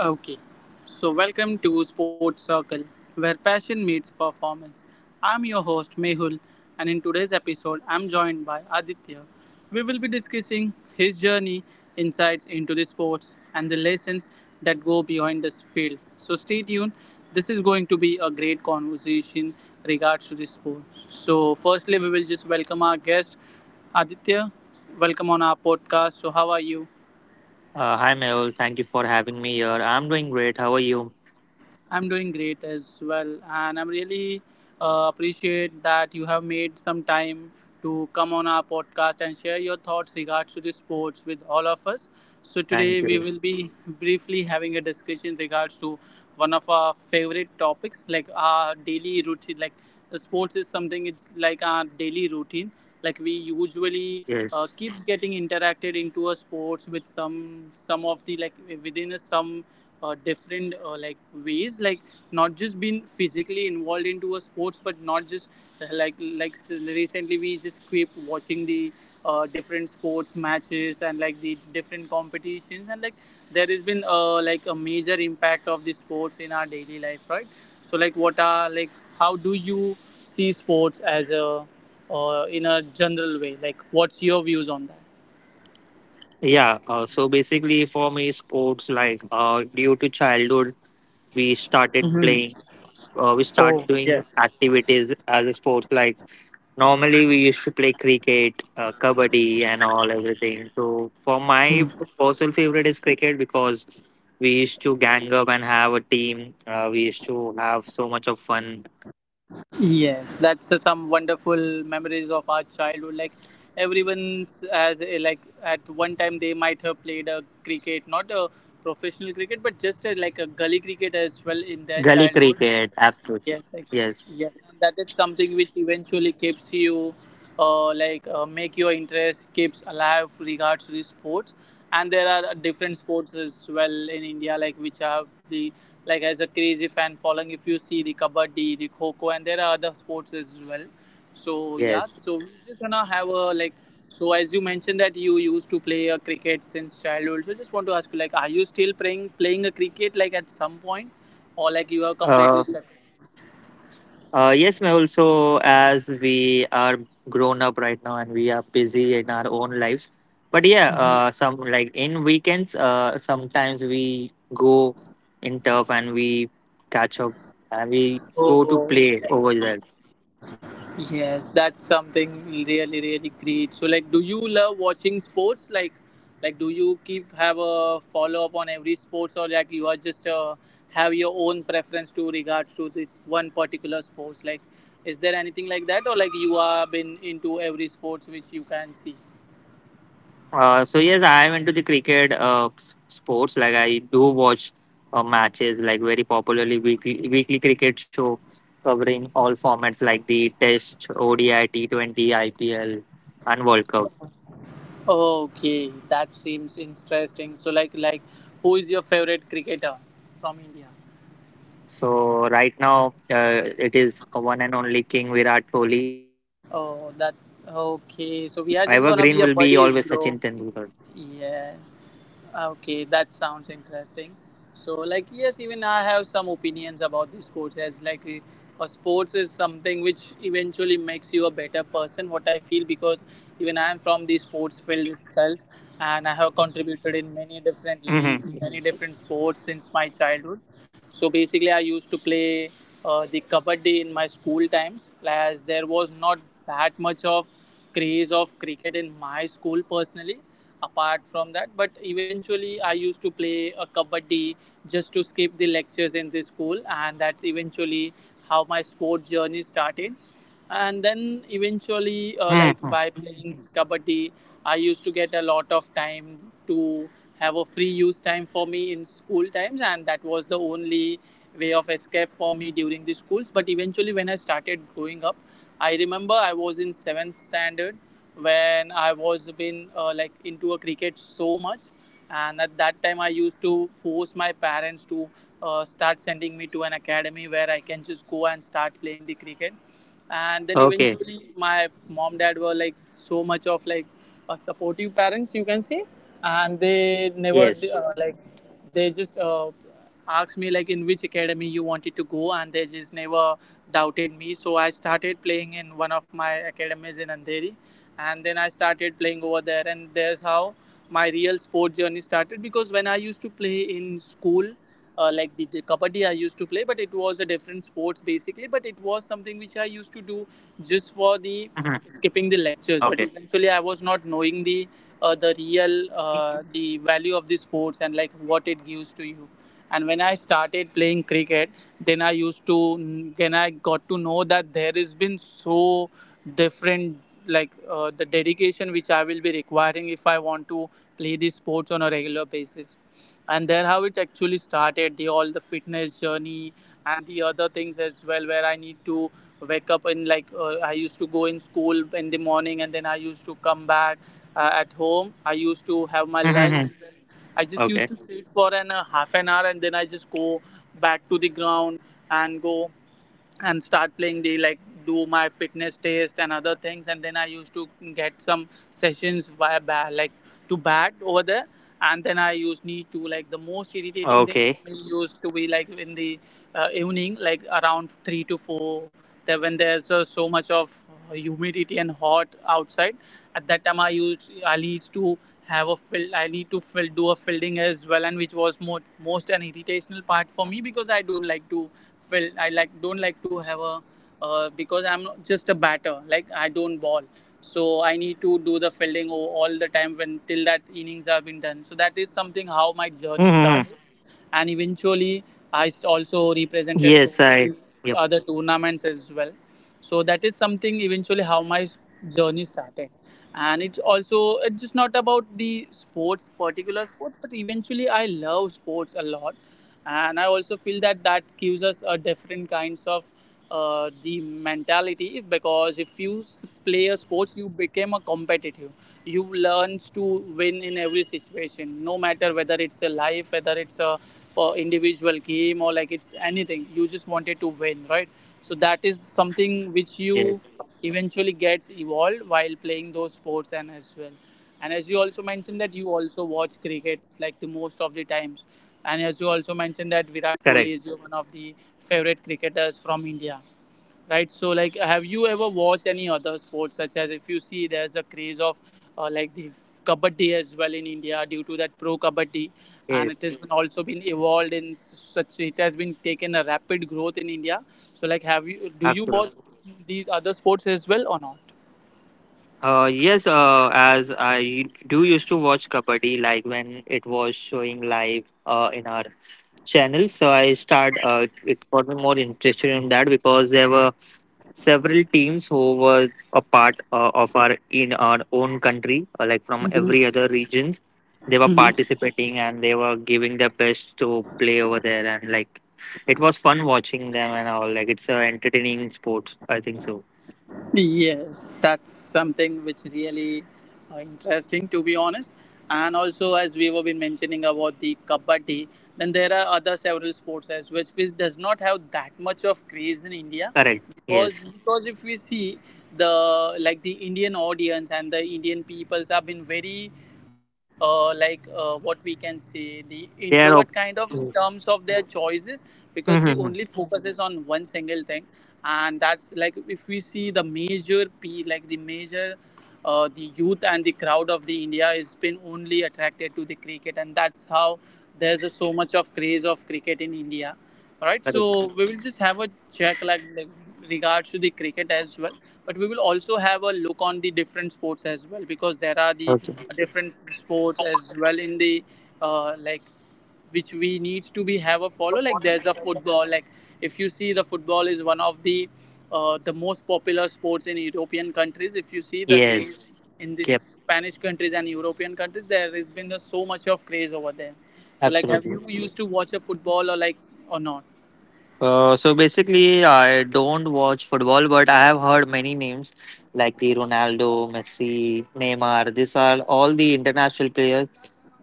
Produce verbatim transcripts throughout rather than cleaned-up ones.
Okay, so welcome to Sports Circle, where passion meets performance. I'm your host Mehul, and in today's episode, I'm joined by Aditya. We will be discussing his journey, insights into the sports, and the lessons that go behind this field. So stay tuned. This is going to be a great conversation regards to the sport. So, firstly, we will just welcome our guest, Aditya. Welcome on our podcast. So, how are you? Uh, hi, Mel. Thank you for having me here. I'm doing great. How are you? I'm doing great as well, and I'm really uh, appreciate that you have made some time to come on our podcast and share your thoughts regards to the sports with all of us. So Thank today we you. will be briefly having a discussion regards to one of our favorite topics, like our daily routine. Like the sports is something it's like our daily routine. Like we usually uh, Yes. keeps getting interacted into a sports with some some of the like within a some uh, different uh, like ways, like not just being physically involved into a sports, but not just uh, like like s- recently we just keep watching the uh, different sports matches and like the different competitions, and like there has been uh, like a major impact of the sports in our daily life, right? So like what are, like how do you see sports as a uh, in a general way, like what's your views on that? Yeah. Uh, so basically, for me, sports like uh, due to childhood, we started Hmm. playing. Uh, we Oh, start doing yes. activities as a sport. Like normally, we used to play cricket, uh, kabaddi, and all everything. So for my personal favorite is cricket because we used to gang up and have a team. Uh, we used to have so much of fun while playing that. Yes, that's uh, some wonderful memories of our childhood. Like everyone has a, like at one time they might have played a cricket, not a professional cricket, but just a, like a gully cricket as well in their Gully childhood. cricket, absolutely. Yes, ex- Yes, yes, and that is something which eventually keeps you, uh, like uh, make your interest keeps alive regards to the sports. And there are different sports as well in India, like which have the like as a crazy fan following. If you see the kabaddi, the kho kho, and there are other sports as well. So yeah, yes. so we just wanna have a like. So as you mentioned that you used to play a cricket since childhood, so just want to ask you, like, are you still playing playing a cricket like at some point, or like you are Uh, completely separate? uh, yes, Mehul. So, as we are grown up right now and we are busy in our own lives, but yeah, Mhm. uh, some like in weekends, uh, sometimes we go in turf and we catch up and we go to Oh, play over yeah. there. Yes, that's something really, really great. So, like, do you love watching sports? Like, like, do you keep have a follow up on every sports, or like you are just uh, have your own preference to regards to the one particular sports? Like, is there anything like that, or like you are been into every sports which you can see? Uh, so yes, I am into the cricket uh, s- sports. Like I do watch uh, matches, like very popularly weekly weekly cricket show covering all formats like the Test, O D I, T Twenty, I P L, and World Cup. Okay, that seems interesting. So, like, like, who is your favorite cricketer from India? So right now, uh, it is one and only King Virat Kohli, and Oh, that's evergreen will be okay. So always we are Sachin just gonna be a Tendulkar. buddies, bro. Yes. Ah, okay, that sounds interesting. So, like, yes, even I have some opinions about the sports as like a, a sports is something which eventually makes you a better person. What I feel, because even I am from the sports field itself, and I have contributed in Mm-hmm. many different leagues, many different sports since my childhood. So basically, I used to play uh, the kabaddi in my school times, as there was not that much of craze of cricket in my school personally apart from that, but eventually I used to play a kabaddi just to skip the lectures in the school, and that's eventually how my sport journey started. And then eventually uh, Hmm. like by playing kabaddi, I used to get a lot of time to have a free use time for me in school times, and that was the only way of escape for me during the schools. But eventually when I started growing up, I remember I was in seventh standard when I was been uh, like into a cricket so much, and at that time I used to force my parents to uh, start sending me to an academy where I can just go and start playing the cricket. And then Okay. eventually my mom dad were like so much of like a supportive parents you can say, and they Yes. never uh, like they just uh, asked me like in which academy you wanted to go, and they just never doubted me. So I started playing in one of my academies in Andheri, and then I started playing over there, and there's how my real sport journey started. Because when I used to play in school uh, like the, the kabaddi I used to play, but it was a different sports basically, but it was something which I used to do Hmm. just for the Okay. skipping the lectures. But eventually I was not knowing the uh, the real uh, the value of the sports and like what it gives to you. And when I started playing cricket, then i used to then I got to know that there has been so different, like uh, the dedication which I will be requiring if I want to play these sports on a regular basis. And there how it actually started the all the fitness journey and the other things as well, where I need to wake up in like uh, I used to go in school in the morning, and then I used to come back uh, at home. I used to have my lunch. Hmm. I just used to sit for Okay. an a half an hour, and then I just go back to the ground and go and start playing the like do my fitness test and other things. And then I used to get some sessions via bat, like to bat over there. And then I used need to like the most irritating thing for me used to be like in the uh, evening, like around three to four, that when there's uh, so much of uh, humidity and hot outside. At that time i used I need to have a fill I need to fill do a fielding as well, and which was more most an irritational part for me because I don't like to felt I like don't like to have a uh, because I'm not just a batter. Like I don't ball, so I need to do the fielding all the time when till that innings have been done. So that is something how my Okay. journey started, and eventually I also Yes, I. represented so Yep. many other tournaments as well. So that is something eventually how my journey started. And it's also it's just not about the sports, particular sports, but eventually I love sports a lot, and I also feel that that gives us a different kinds of uh, the mentality. Because if you s- play a sports, you become a competitive, you learn to win in every situation no matter whether it's a life, whether it's a uh, individual game, or like it's anything, you just wanted to win, right? So that is something which you Yeah. eventually gets evolved while playing those sports and as well. And as you also mentioned that you also watch cricket like the most of the times. And as you also mentioned that Correct. Virat Kohli is your one of the favorite cricketers from India, right? So like have you ever watched any other sports, such as if you see there's a craze of uh, like the kabaddi as well in India, due to that pro kabaddi. And it Yes. has been also been evolved in such, it has been taken a rapid growth in India. So like have you do you watch Absolutely. these other sports as well or not? Uh, yes. Uh, as I do used to watch kabaddi, like when it was showing live. Uh, in our channel, so I start uh, it got me more interested in that because there were several teams who were a part uh, of our in our own country, uh, like from every other regions, they were participating and they were giving their best to play over there. And like it was fun watching them and all, like it's a entertaining sport, I think so. Yes, that's something which really uh, interesting to be honest. And also, as we have been mentioning about the kabaddi, then there are other several sports as which which does not have that much of craze in India. Correct. because Yes. because if we see the like the Indian audience and the Indian peoples have been very uh, like uh, what we can say the introvert they are kind op- of in terms of their choices, because they only mm-hmm. focuses on one single thing. And that's like if we see the major p like the major uh, the youth and the crowd of the India has been only attracted to the cricket, and that's how there's a, so much of craze of cricket in India. All right, Correct. so we will just have a check, like like, regards to the cricket as well, but we will also have a look on the different sports as well, because there are the Okay. different sports as well in the uh, like which we need to be have a follow, like there's a football. Like if you see the football is one of the uh, the most popular sports in European countries. If you see the craze Yes. in this Yep. Spanish countries and European countries, there has been so much of craze over there. So, like, have Absolutely. you used to watch a football or like or not? Uh, so basically, I don't watch football, but I have heard many names like the Ronaldo, Messi, Neymar. These are all the international players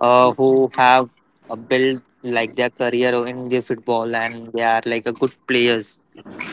uh, who have uh, built like their career in the football, and they are like a good players.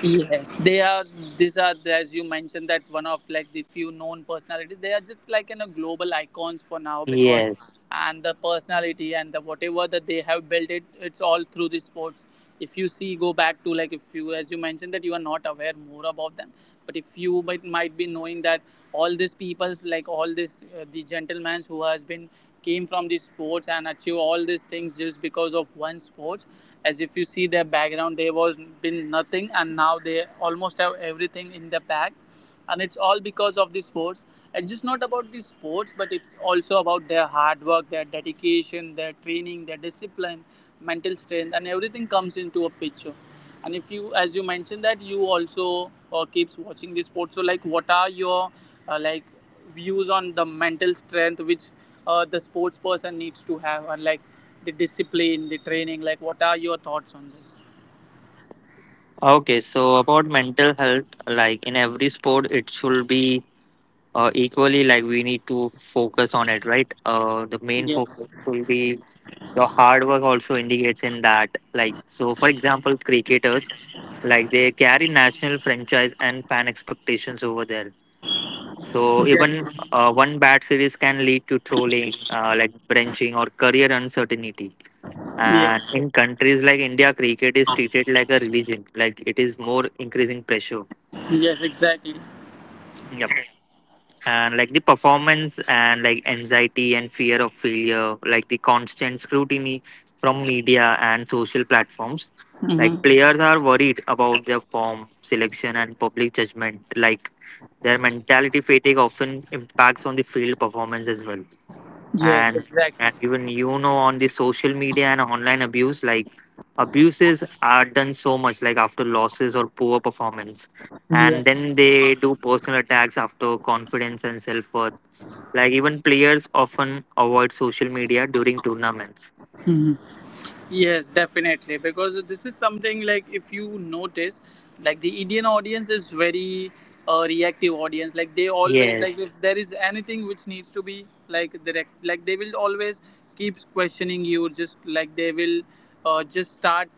Yes, they are. These are, the- as you mentioned, that one of like the few known personalities. They are just like you know global icons for now because, Yes. and the personality and the whatever that they have built it, it's all through the sports. If you see, go back to like if you, as you mentioned, that you are not aware more about them, but if you might might be knowing that all these people's like all this uh, the gentlemen who has been came from the sports and achieve all these things just because of one sport, as if you see their background they was been nothing and now they almost have everything in the pack, and it's all because of the sports. It's just not about the sports but it's also about their hard work, their dedication, their training, their discipline, mental strength, and everything comes into a picture. And if you, as you mentioned that you also uh, keeps watching the sports, so like what are your uh, like views on the mental strength which uh, the sports person needs to have, and like the discipline, the training, like what are your thoughts on this? Okay. So about mental health, like in every sport, it should be uh, equally like we need to focus on it, right? Uh, the main Yes, focus will be your hard work also indicates in that, like so for example, cricketers like they carry national franchise and fan expectations over there. So even yes, uh, one bad series can lead to trolling, uh, like benching or career uncertainty. yes, And in countries like India, cricket is treated like a religion. Like it is more increasing pressure. yes, exactly. Yep. And like the performance and like anxiety and fear of failure, like the constant scrutiny from media and social platforms. Like Hmm. players are worried about their form, selection, and public judgment. Like their mentality fatigue often impacts on the field performance as well. Yes, and exactly. and even you know on the social media and online abuse, like abuses are done so much, like after losses or poor performance. And Yes. then they do personal attacks after confidence and self-worth. Like even players often avoid social media during tournaments. Mm-hmm. Yes, definitely. Because this is something like if you notice, like the Indian audience is very uh, reactive audience. Like they always, like Yes. if there is anything which needs to be like direct, like they will always keep questioning you. Just like they will uh, just start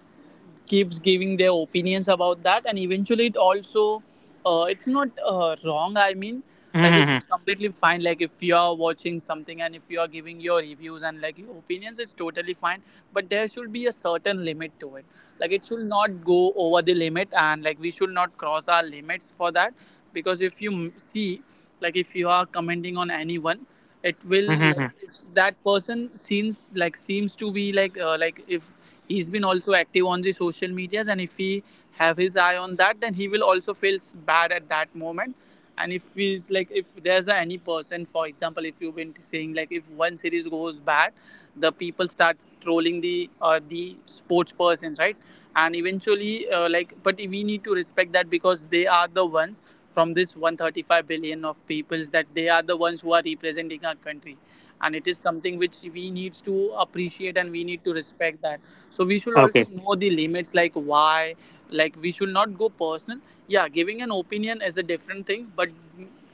keeps giving their opinions about that, and eventually it also, uh, it's not uh, wrong, I mean, like it's Mhm. Mhm, completely fine. Like if you are watching something and if you are giving your reviews and like your opinions, it's totally fine, but there should be a certain limit to it. Like it should not go over the limit, and like we should not cross our limits for that. Because if you m- see, like if you are commenting on anyone, it will, mhm. like if that person seems like seems to be like, uh, like if he's been also active on the social medias and if he have his eye on that, then he will also feels bad at that moment. And if he's like, if there's any person, for example, if you've been saying, like if one series goes bad, the people start trolling the, uh, the sports persons, right? And eventually, uh, like, but we need to respect that, because they are the ones from this one hundred thirty-five billion of peoples, that they are the ones who are representing our country. And it is something which we need to appreciate, and we need to respect that. So we should Okay. also know the limits, like why, like we should not go personal. Yeah, giving an opinion is a different thing, but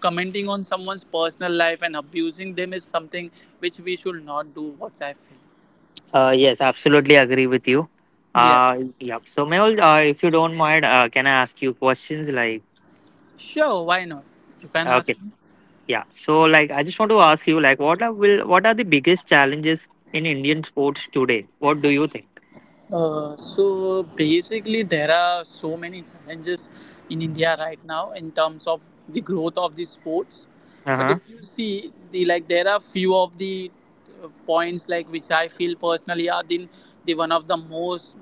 commenting on someone's personal life and abusing them is something which we should not do, what I feel. Uh, yes, absolutely agree with you. Yeah, uh Yep. So Mehul, uh, if you don't mind, uh, can I ask you questions like? sure, why not? You can ask Okay. me. Yeah. So like I just want to ask you like what are will what are the biggest challenges in Indian sports today? What do you think? Uh, so basically, there are so many challenges in India right now in terms of the growth of the sports. But if Uh-huh. you see the, like, there are few of the uh, points like which I feel personally are the, the one of the most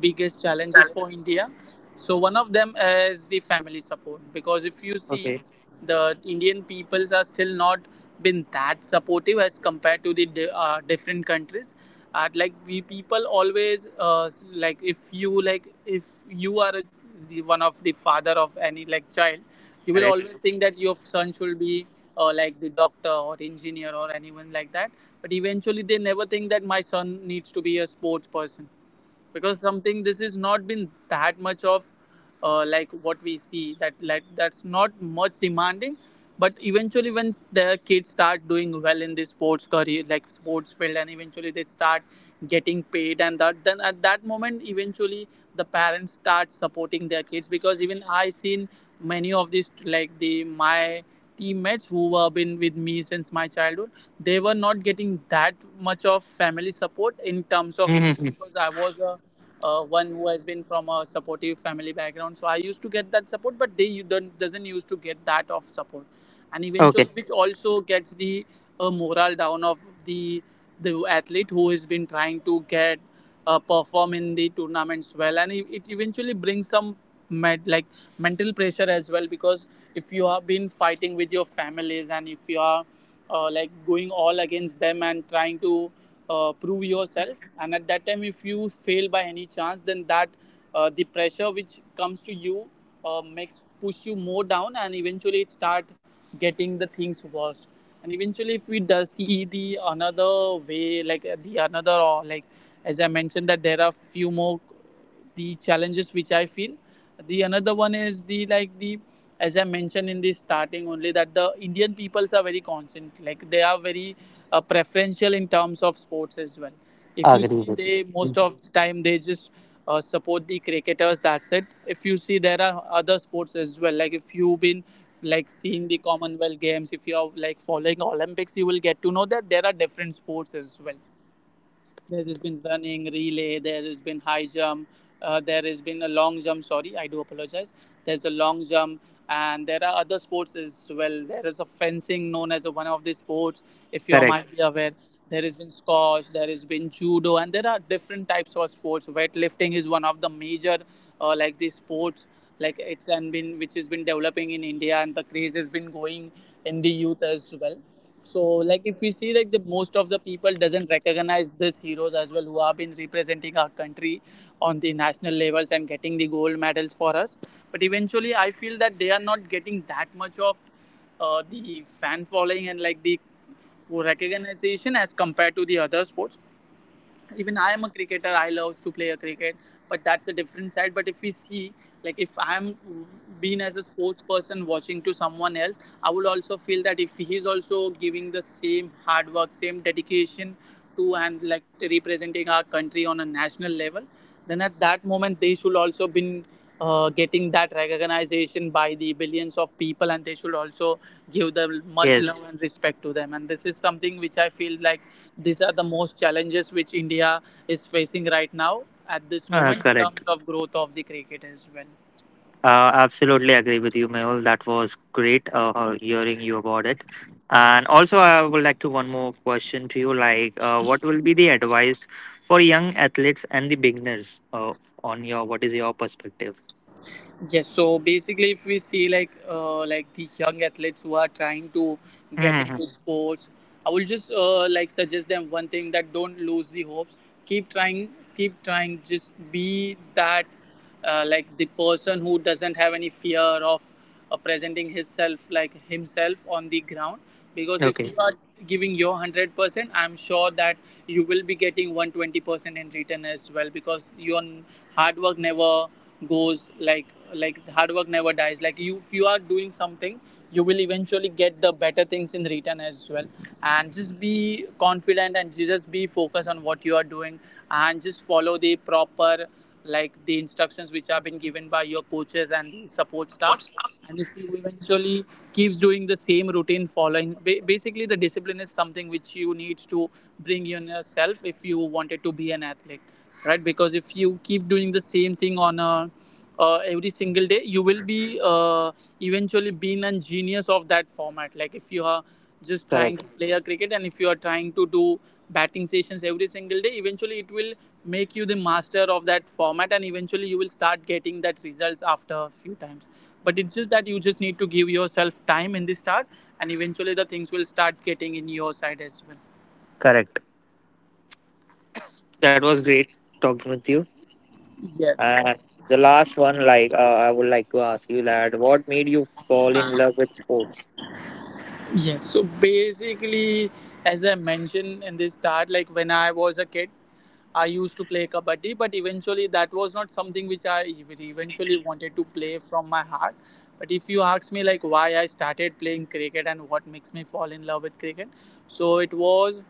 biggest challenges for India. So one of them is the family support, because if you see, Okay. the Indian peoples are still not been that supportive as compared to the di- uh, different countries. And like we people always, uh, like if you, like if you are a, the one of the father of any like child, you will Correct. always think that your son should be uh, like the doctor or engineer or anyone like that. But eventually they never think that my son needs to be a sports person, because something this is not been that much of, uh, like what we see that, like that's not much demanding. But eventually when the kids start doing well in the sports career, like sports field, and eventually they start getting paid, and that, then at that moment eventually the parents start supporting their kids. Because even I seen many of these, like the my teammates who have been with me since my childhood, they were not getting that much of family support in terms of Hmm. me, because I was a, uh, one who has been from a supportive family background, so I used to get that support, but they don't, doesn't used to get that of support. And Okay. eventually which also gets the uh, morale down of the the athlete who has been trying to get uh, perform in the tournaments well, and it it eventually brings some med- like mental pressure as well, because if you have been fighting with your families and if you are, uh, like going all against them and trying to uh, prove yourself, and at that time if you fail by any chance, then that, uh, the pressure which comes to you, uh, makes push you more down, and eventually it start getting the things worse. And eventually if we do see the another way, like, uh, the another, or like, as I mentioned that there are few more, the challenges which I feel, the another one is the, like the, as I mentioned in the starting only, that the Indian peoples are very constant, like they are very uh, preferential in terms of sports as well. If you Agree see, with you. they Mhm. most of the time they just uh, support the cricketers, that's it. If you see, there are other sports as well. Like if you've been like seeing the Commonwealth Games, if you're like following Olympics, you will get to know that there are different sports as well. There has been running, relay, there has been high jump, uh, there has been a long jump. Sorry, I do apologize. There's a long jump, and there are other sports as well. There is a fencing known as one of the sports, if you Correct. might be aware. There has been squash, there has been judo, and there are different types of sports. Weightlifting is one of the major, uh, like the sports, like it's and been which has been developing in India, and the craze has been going in the youth as well. So like if we see, like the most of the people doesn't recognize these heroes as well, who have been representing our country on the national levels and getting the gold medals for us. But eventually I feel that they are not getting that much of uh, the fan following and like the recognition as compared to the other sports. Even I am a cricketer, I love to play a cricket, but that's a different side. But if we see, like if I'm being as a sports person watching to someone else, I would also feel that if he is also giving the same hard work, same dedication to, and like representing our country on a national level, then at that moment they should also been uh, getting that recognition by the billions of people, and they should also give them much love Yes. and respect to them. And this is something which I feel like, these are the most challenges which India is facing right now at this Uh, moment in terms Correct. of growth of the cricket as well. Uh, absolutely agree with you, Mehul. That was great uh, hearing you about it. And also, I would like to one more question to you. Like, uh, what will be the advice for young athletes and the beginners? Uh, on your What is your perspective? Yes, so basically, if we see, like, uh, like the young athletes who are trying to get Hmm. into sports, I will just uh, like suggest them one thing, that don't lose the hopes. Keep trying, keep trying, just be that, uh, like the person who doesn't have any fear of uh, presenting himself, like himself on the ground. Because if Okay. you are giving your one hundred percent, I'm sure that you will be getting one hundred twenty percent in return as well. Because your hard work never goes, like like hard work never dies. Like you, if you are doing something, you will eventually get the better things in return as well. And just be confident and just be focused on what you are doing, and just follow the proper, like the instructions which have been given by your coaches and the support staff. And if you eventually keeps doing the same routine, following, ba- basically the discipline is something which you need to bring in yourself if you wanted to be an athlete, right? Because if you keep doing the same thing on a, uh, every single day, you will be, uh, eventually being a genius of that format. Like if you are just trying to Correct. play a cricket, and if you are trying to do batting sessions every single day, eventually it will make you the master of that format, and eventually you will start getting that results after a few times. But it's just that you just need to give yourself time in the start, and eventually the things will start getting in your side as well. Correct. That was great talking with you. Yes. And the last one, like uh, I would like to ask you, lad, what made you fall in love with sports? Yes. So basically, as I mentioned in the start, like when I was a kid, I used to play kabaddi, but eventually that was not something which I ev- eventually wanted to play from my heart. But if you ask me, like why I started playing cricket and what makes me fall in love with cricket, so it was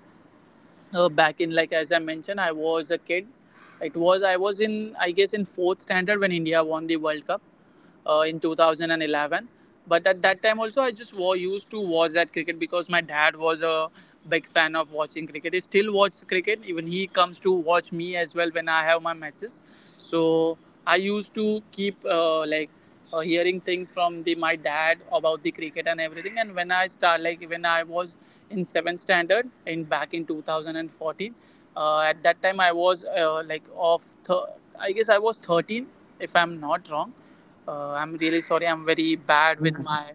uh, back in like as I mentioned, I was a kid. It was I was in I guess in fourth standard when India won the World Cup uh, in twenty eleven. But at that time also I just wa- used to watch that cricket because my dad was a big fan of watching cricket. He still watches cricket, even he comes to watch me as well when I have my matches. So I used to keep uh, like uh, hearing things from the my dad about the cricket and everything. And when i start like when I was in seventh standard in back in two thousand fourteen, uh, at that time I was uh, like of th- I guess I was thirteen, if I'm not wrong. uh, I'm really sorry, I'm very bad with Mhm. my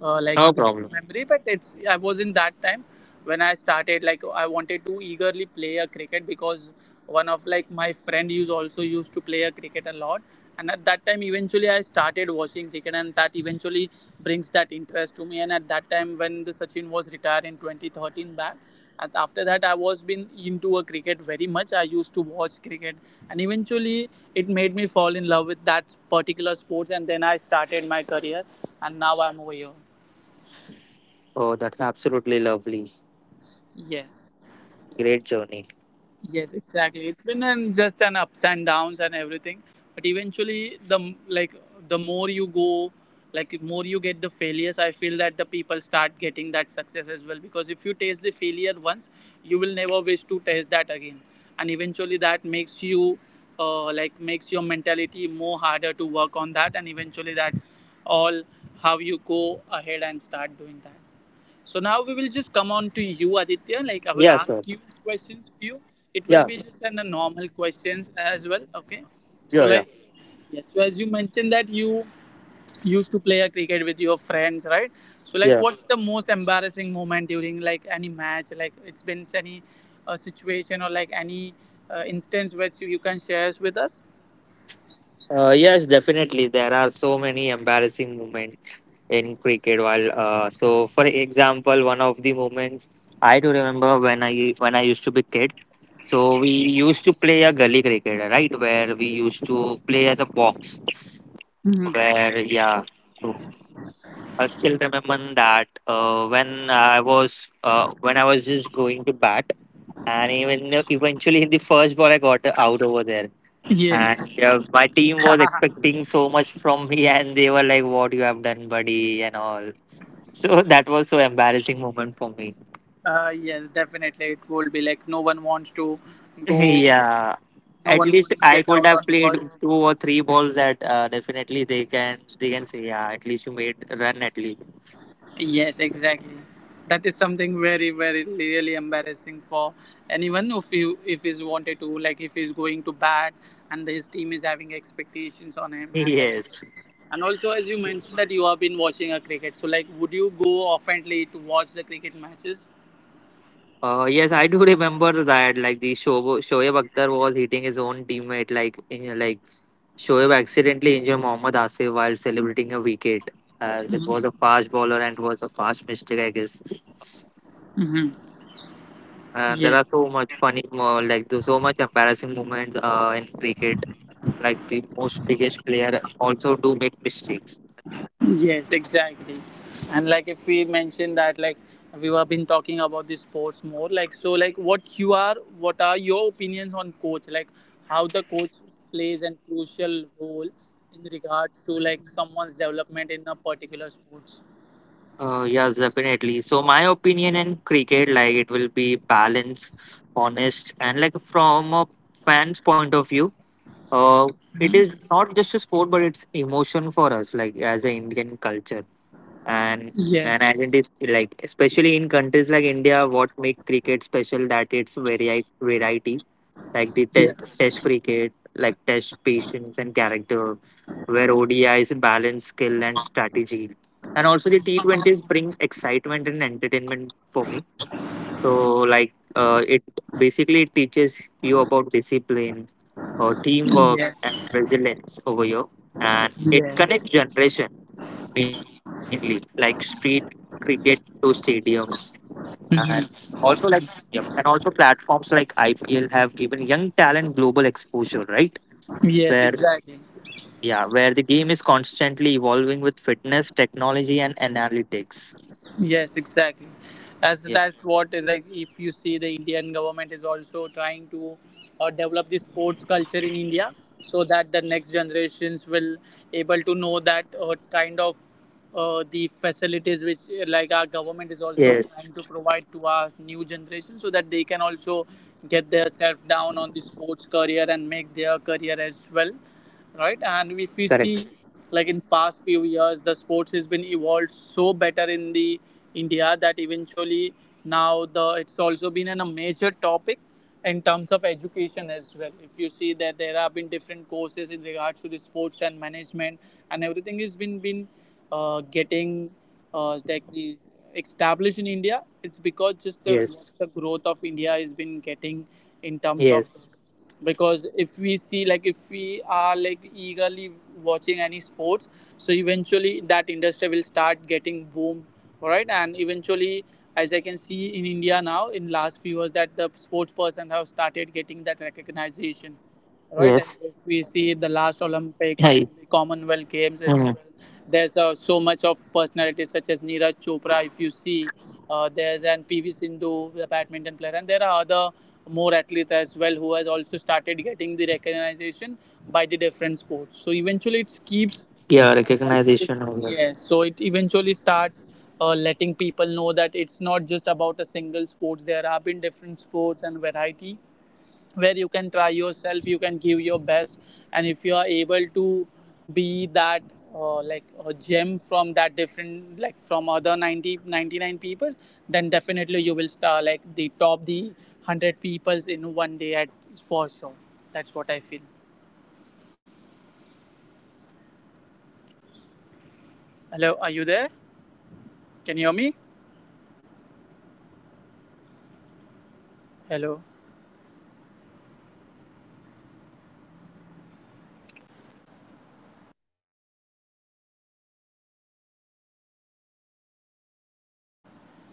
uh, like No the problem. memory, but it's I was in that time when I started. Like I wanted to eagerly play a cricket because one of like my friend used also used to play a cricket a lot, and at that time eventually I started watching cricket, and that eventually brings that interest to me. And at that time when the Sachin was retired in twenty thirteen back, and after that I was been into a cricket very much. I used to watch cricket, and eventually it made me fall in love with that particular sports, and then I started my career and now I'm over here. Oh, that's absolutely lovely. Yes Great journey. Yes, exactly. It's been an, just an ups and downs and everything, but eventually the m- like the more you go, like more you get the failures. I feel that the people start getting that success as well, because if you taste the failure once, you will never wish to taste that again, and eventually that makes you, uh, like makes your mentality more harder to work on that, and eventually that's all how you go ahead and start doing that. So now we will just come on to you, Aditya. Like I will Yeah, ask sure. you questions few. It will Yeah, be sure. just an, a normal questions as well. Okay. So Yeah, yeah. like yes. So as you mentioned that you used to play a cricket with your friends, right? So like, Yeah. what's the most embarrassing moment during like any match? Like it's been any uh, situation or like any uh, instance which you can share with us. Uh, yes, definitely. There are so many embarrassing moments in cricket. While, uh, so for example, one of the moments I do remember, when i when i used to be kid, so we used to play a gully cricket, right, where we used to play as a box Hmm. where. Yeah. So I still remember that, uh, when i was uh, when i was just going to bat, and even though eventually in the first ball I got out over there, Yes. and yeah, my team was expecting so much from me. And they were like, what you have done, buddy, and all. So that was so embarrassing moment for me. Uh, yes, definitely. It will be like no one wants to go. Yeah. No At one least wants to I get could out have on played first. two or three balls, that uh, definitely they can they can say yeah, at least you made a run, at least. Yes, exactly. That is something very, very really embarrassing for anyone. If you if he's wanted to, like, if he's going to bat and his team is having expectations on him, and like, Yes. and also as you mentioned that you have been watching a cricket, so like, would you go oftenly to watch the cricket matches? Uh, yes, I do remember that, like the Shoaib Shoaib Akhtar was hitting his own teammate, like eh, like Shoaib accidentally injured Mohammad Asif while celebrating a wicket. Uh, it was a fast bowler and was a fast mistake, I guess. Mm-hmm. And there are Yes. so much funny, mo- like there's so much embarrassing moments uh, in cricket. Like the most biggest player also do make mistakes. Yes, exactly. And like if we mention that like we have been talking about the sports more, like so like what you are what are your opinions on coach? Like how the coach plays an crucial role in regards to like someone's development in a particular sports. Uh, yes, definitely. So my opinion in cricket, like it will be balanced, honest, and like from a fan's point of view, uh, it Hmm. is not just a sport, but it's emotion for us, like as an Indian culture. and and Yes. identity, like especially in countries like India, what make cricket special, that it's variety variety, like the test Yes. test cricket, like test patience and character, where O D is balance skill and strategy, and also the T twenties bring excitement and entertainment for me. So like, uh, it basically teaches you about discipline or teamwork Yes. and resilience over here, and it Yes. connects generation mainly, like street cricket to stadiums and Hmm. also like stadiums and also platforms like I P L have given young talent global exposure, right? Where, Yes, exactly. yeah, where the game is constantly evolving with fitness, technology, and analytics. Yes, exactly. As Yep. that's what is like. If you see, the Indian government is also trying to uh, develop the sports culture in India, so that the next generations will able to know that uh, kind of uh, the facilities which uh, like Yes, our government is also trying to provide to our new generation, so that they can also get themselves down on the sports career and make their career as well, right? And if correct. we see, like in past few years, the sports has been evolved so better in the India, that eventually now the it's also been an, a major topic in terms of education as well. If you see that there have been different courses in regards to the sports and management, and everything has been been uh, getting uh, like the established in India. It's because just the, Yes, the growth of India has been getting in terms of yes, this, because if we see, like if we are like eagerly watching any sports, so eventually that industry will start getting boom, right? And eventually, as I can see in India now in last few years, that the sports person have started getting that yes. recognition, right. And if we Hi. see the last Olympics and the Mhm. Commonwealth Games as well, there's uh, so much of personalities such as Neeraj Chopra. If you see, uh, there's an P V Sindhu, the badminton player, and there are other more athletes as well who has also started getting the recognition by the different sports. So Yeah, eventually, it recognition. keeps Over. yes. So it eventually starts uh, letting people know that it's not just about a single sports. There have been different sports and variety where you can try yourself, you can give your best, and if you are able to be that uh, like a gem from that different like from other ninety ninety nine ninety nine peoples, then definitely you will start Yes. like the top the hundred peoples in one day at for sure. That's what I feel. Hello. Hello, are you there? Can you hear me? Hello.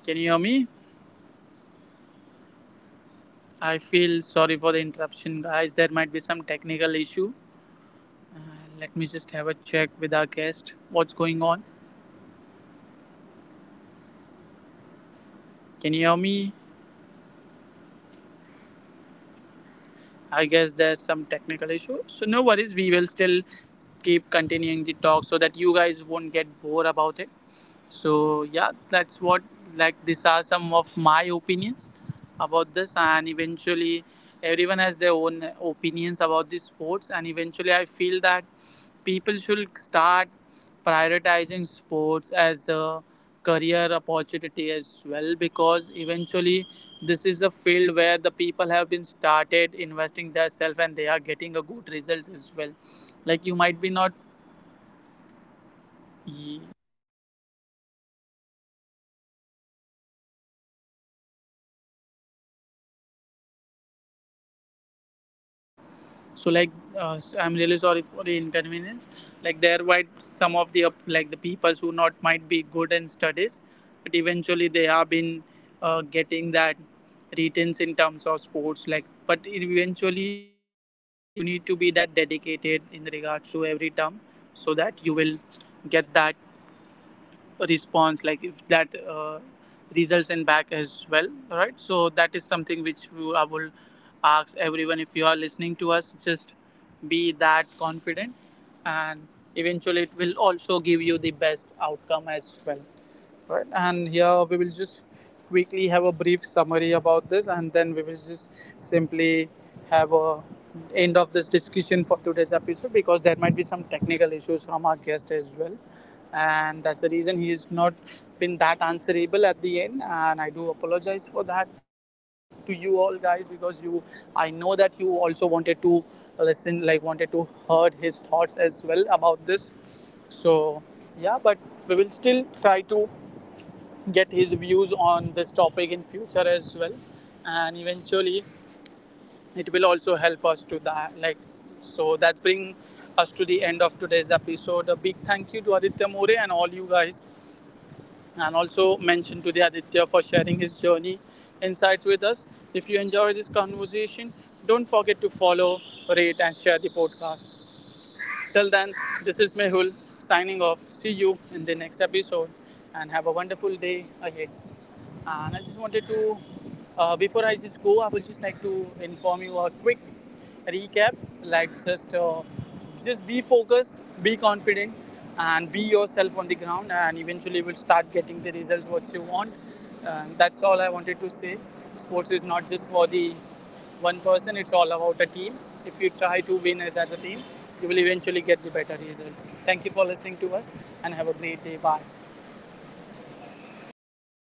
Can you hear me? I feel sorry for the interruption guys, there might be some technical issue. Let me just have a check with our guest what's going on. Can you hear me? I guess there's some technical issue. So no worries, we will still keep continuing the talk so that you guys won't get bored about it. So yeah, that's what like these are some of my opinions about this, and eventually everyone has their own opinions about these sports, and eventually I feel that people should start prioritizing sports as a career opportunity as well, because eventually this is the field where the people have been started investing themselves and they are getting a good results as well. Like you might be not Hello. so like uh, s- I'm really sorry for the inconvenience. Like there might some of the up- like the people who not might be good in studies, but eventually they have been uh, getting that returns in terms of sports, like but eventually you need to be that dedicated in regards to every term, so that you will get that response, like if that uh, results in back as well, right? So that is something which we- I will ask everyone, if you are listening to us, just be that confident, and eventually it will also give you the best outcome as well, right? And here we will just quickly have a brief summary about this, and then we will just simply have a end of this discussion for today's episode, because there might be some technical issues from our guest as well, and that's the reason he has not been that answerable at the end, and I do apologize for that to you all guys, because you I know that you also wanted to listen like wanted to heard his thoughts as well about this. So yeah, but we will still try to get his views on this topic in future as well, and eventually it will also help Mm-hmm. us to that like Yes. so that brings us to the end of today's episode. A big thank you to Aditya More and all you guys, and also mention to the Aditya for sharing his journey insights with us. If you enjoy this conversation, don't forget to follow, rate and share the podcast. Till then, this is Mehul signing off. See you in the next episode and have a wonderful day ahead. And I just wanted to, uh, before I just go, I would just like to inform you a quick recap. Like just, uh, just be focused, be confident, and be yourself on the ground. And eventually, you will start getting the results what you want. And that's all I wanted to say. Sports is not just for the one person. It's all about a team. If you try to win as, a team, you will eventually get the better results. Thank you for listening to us and have a great day. Bye.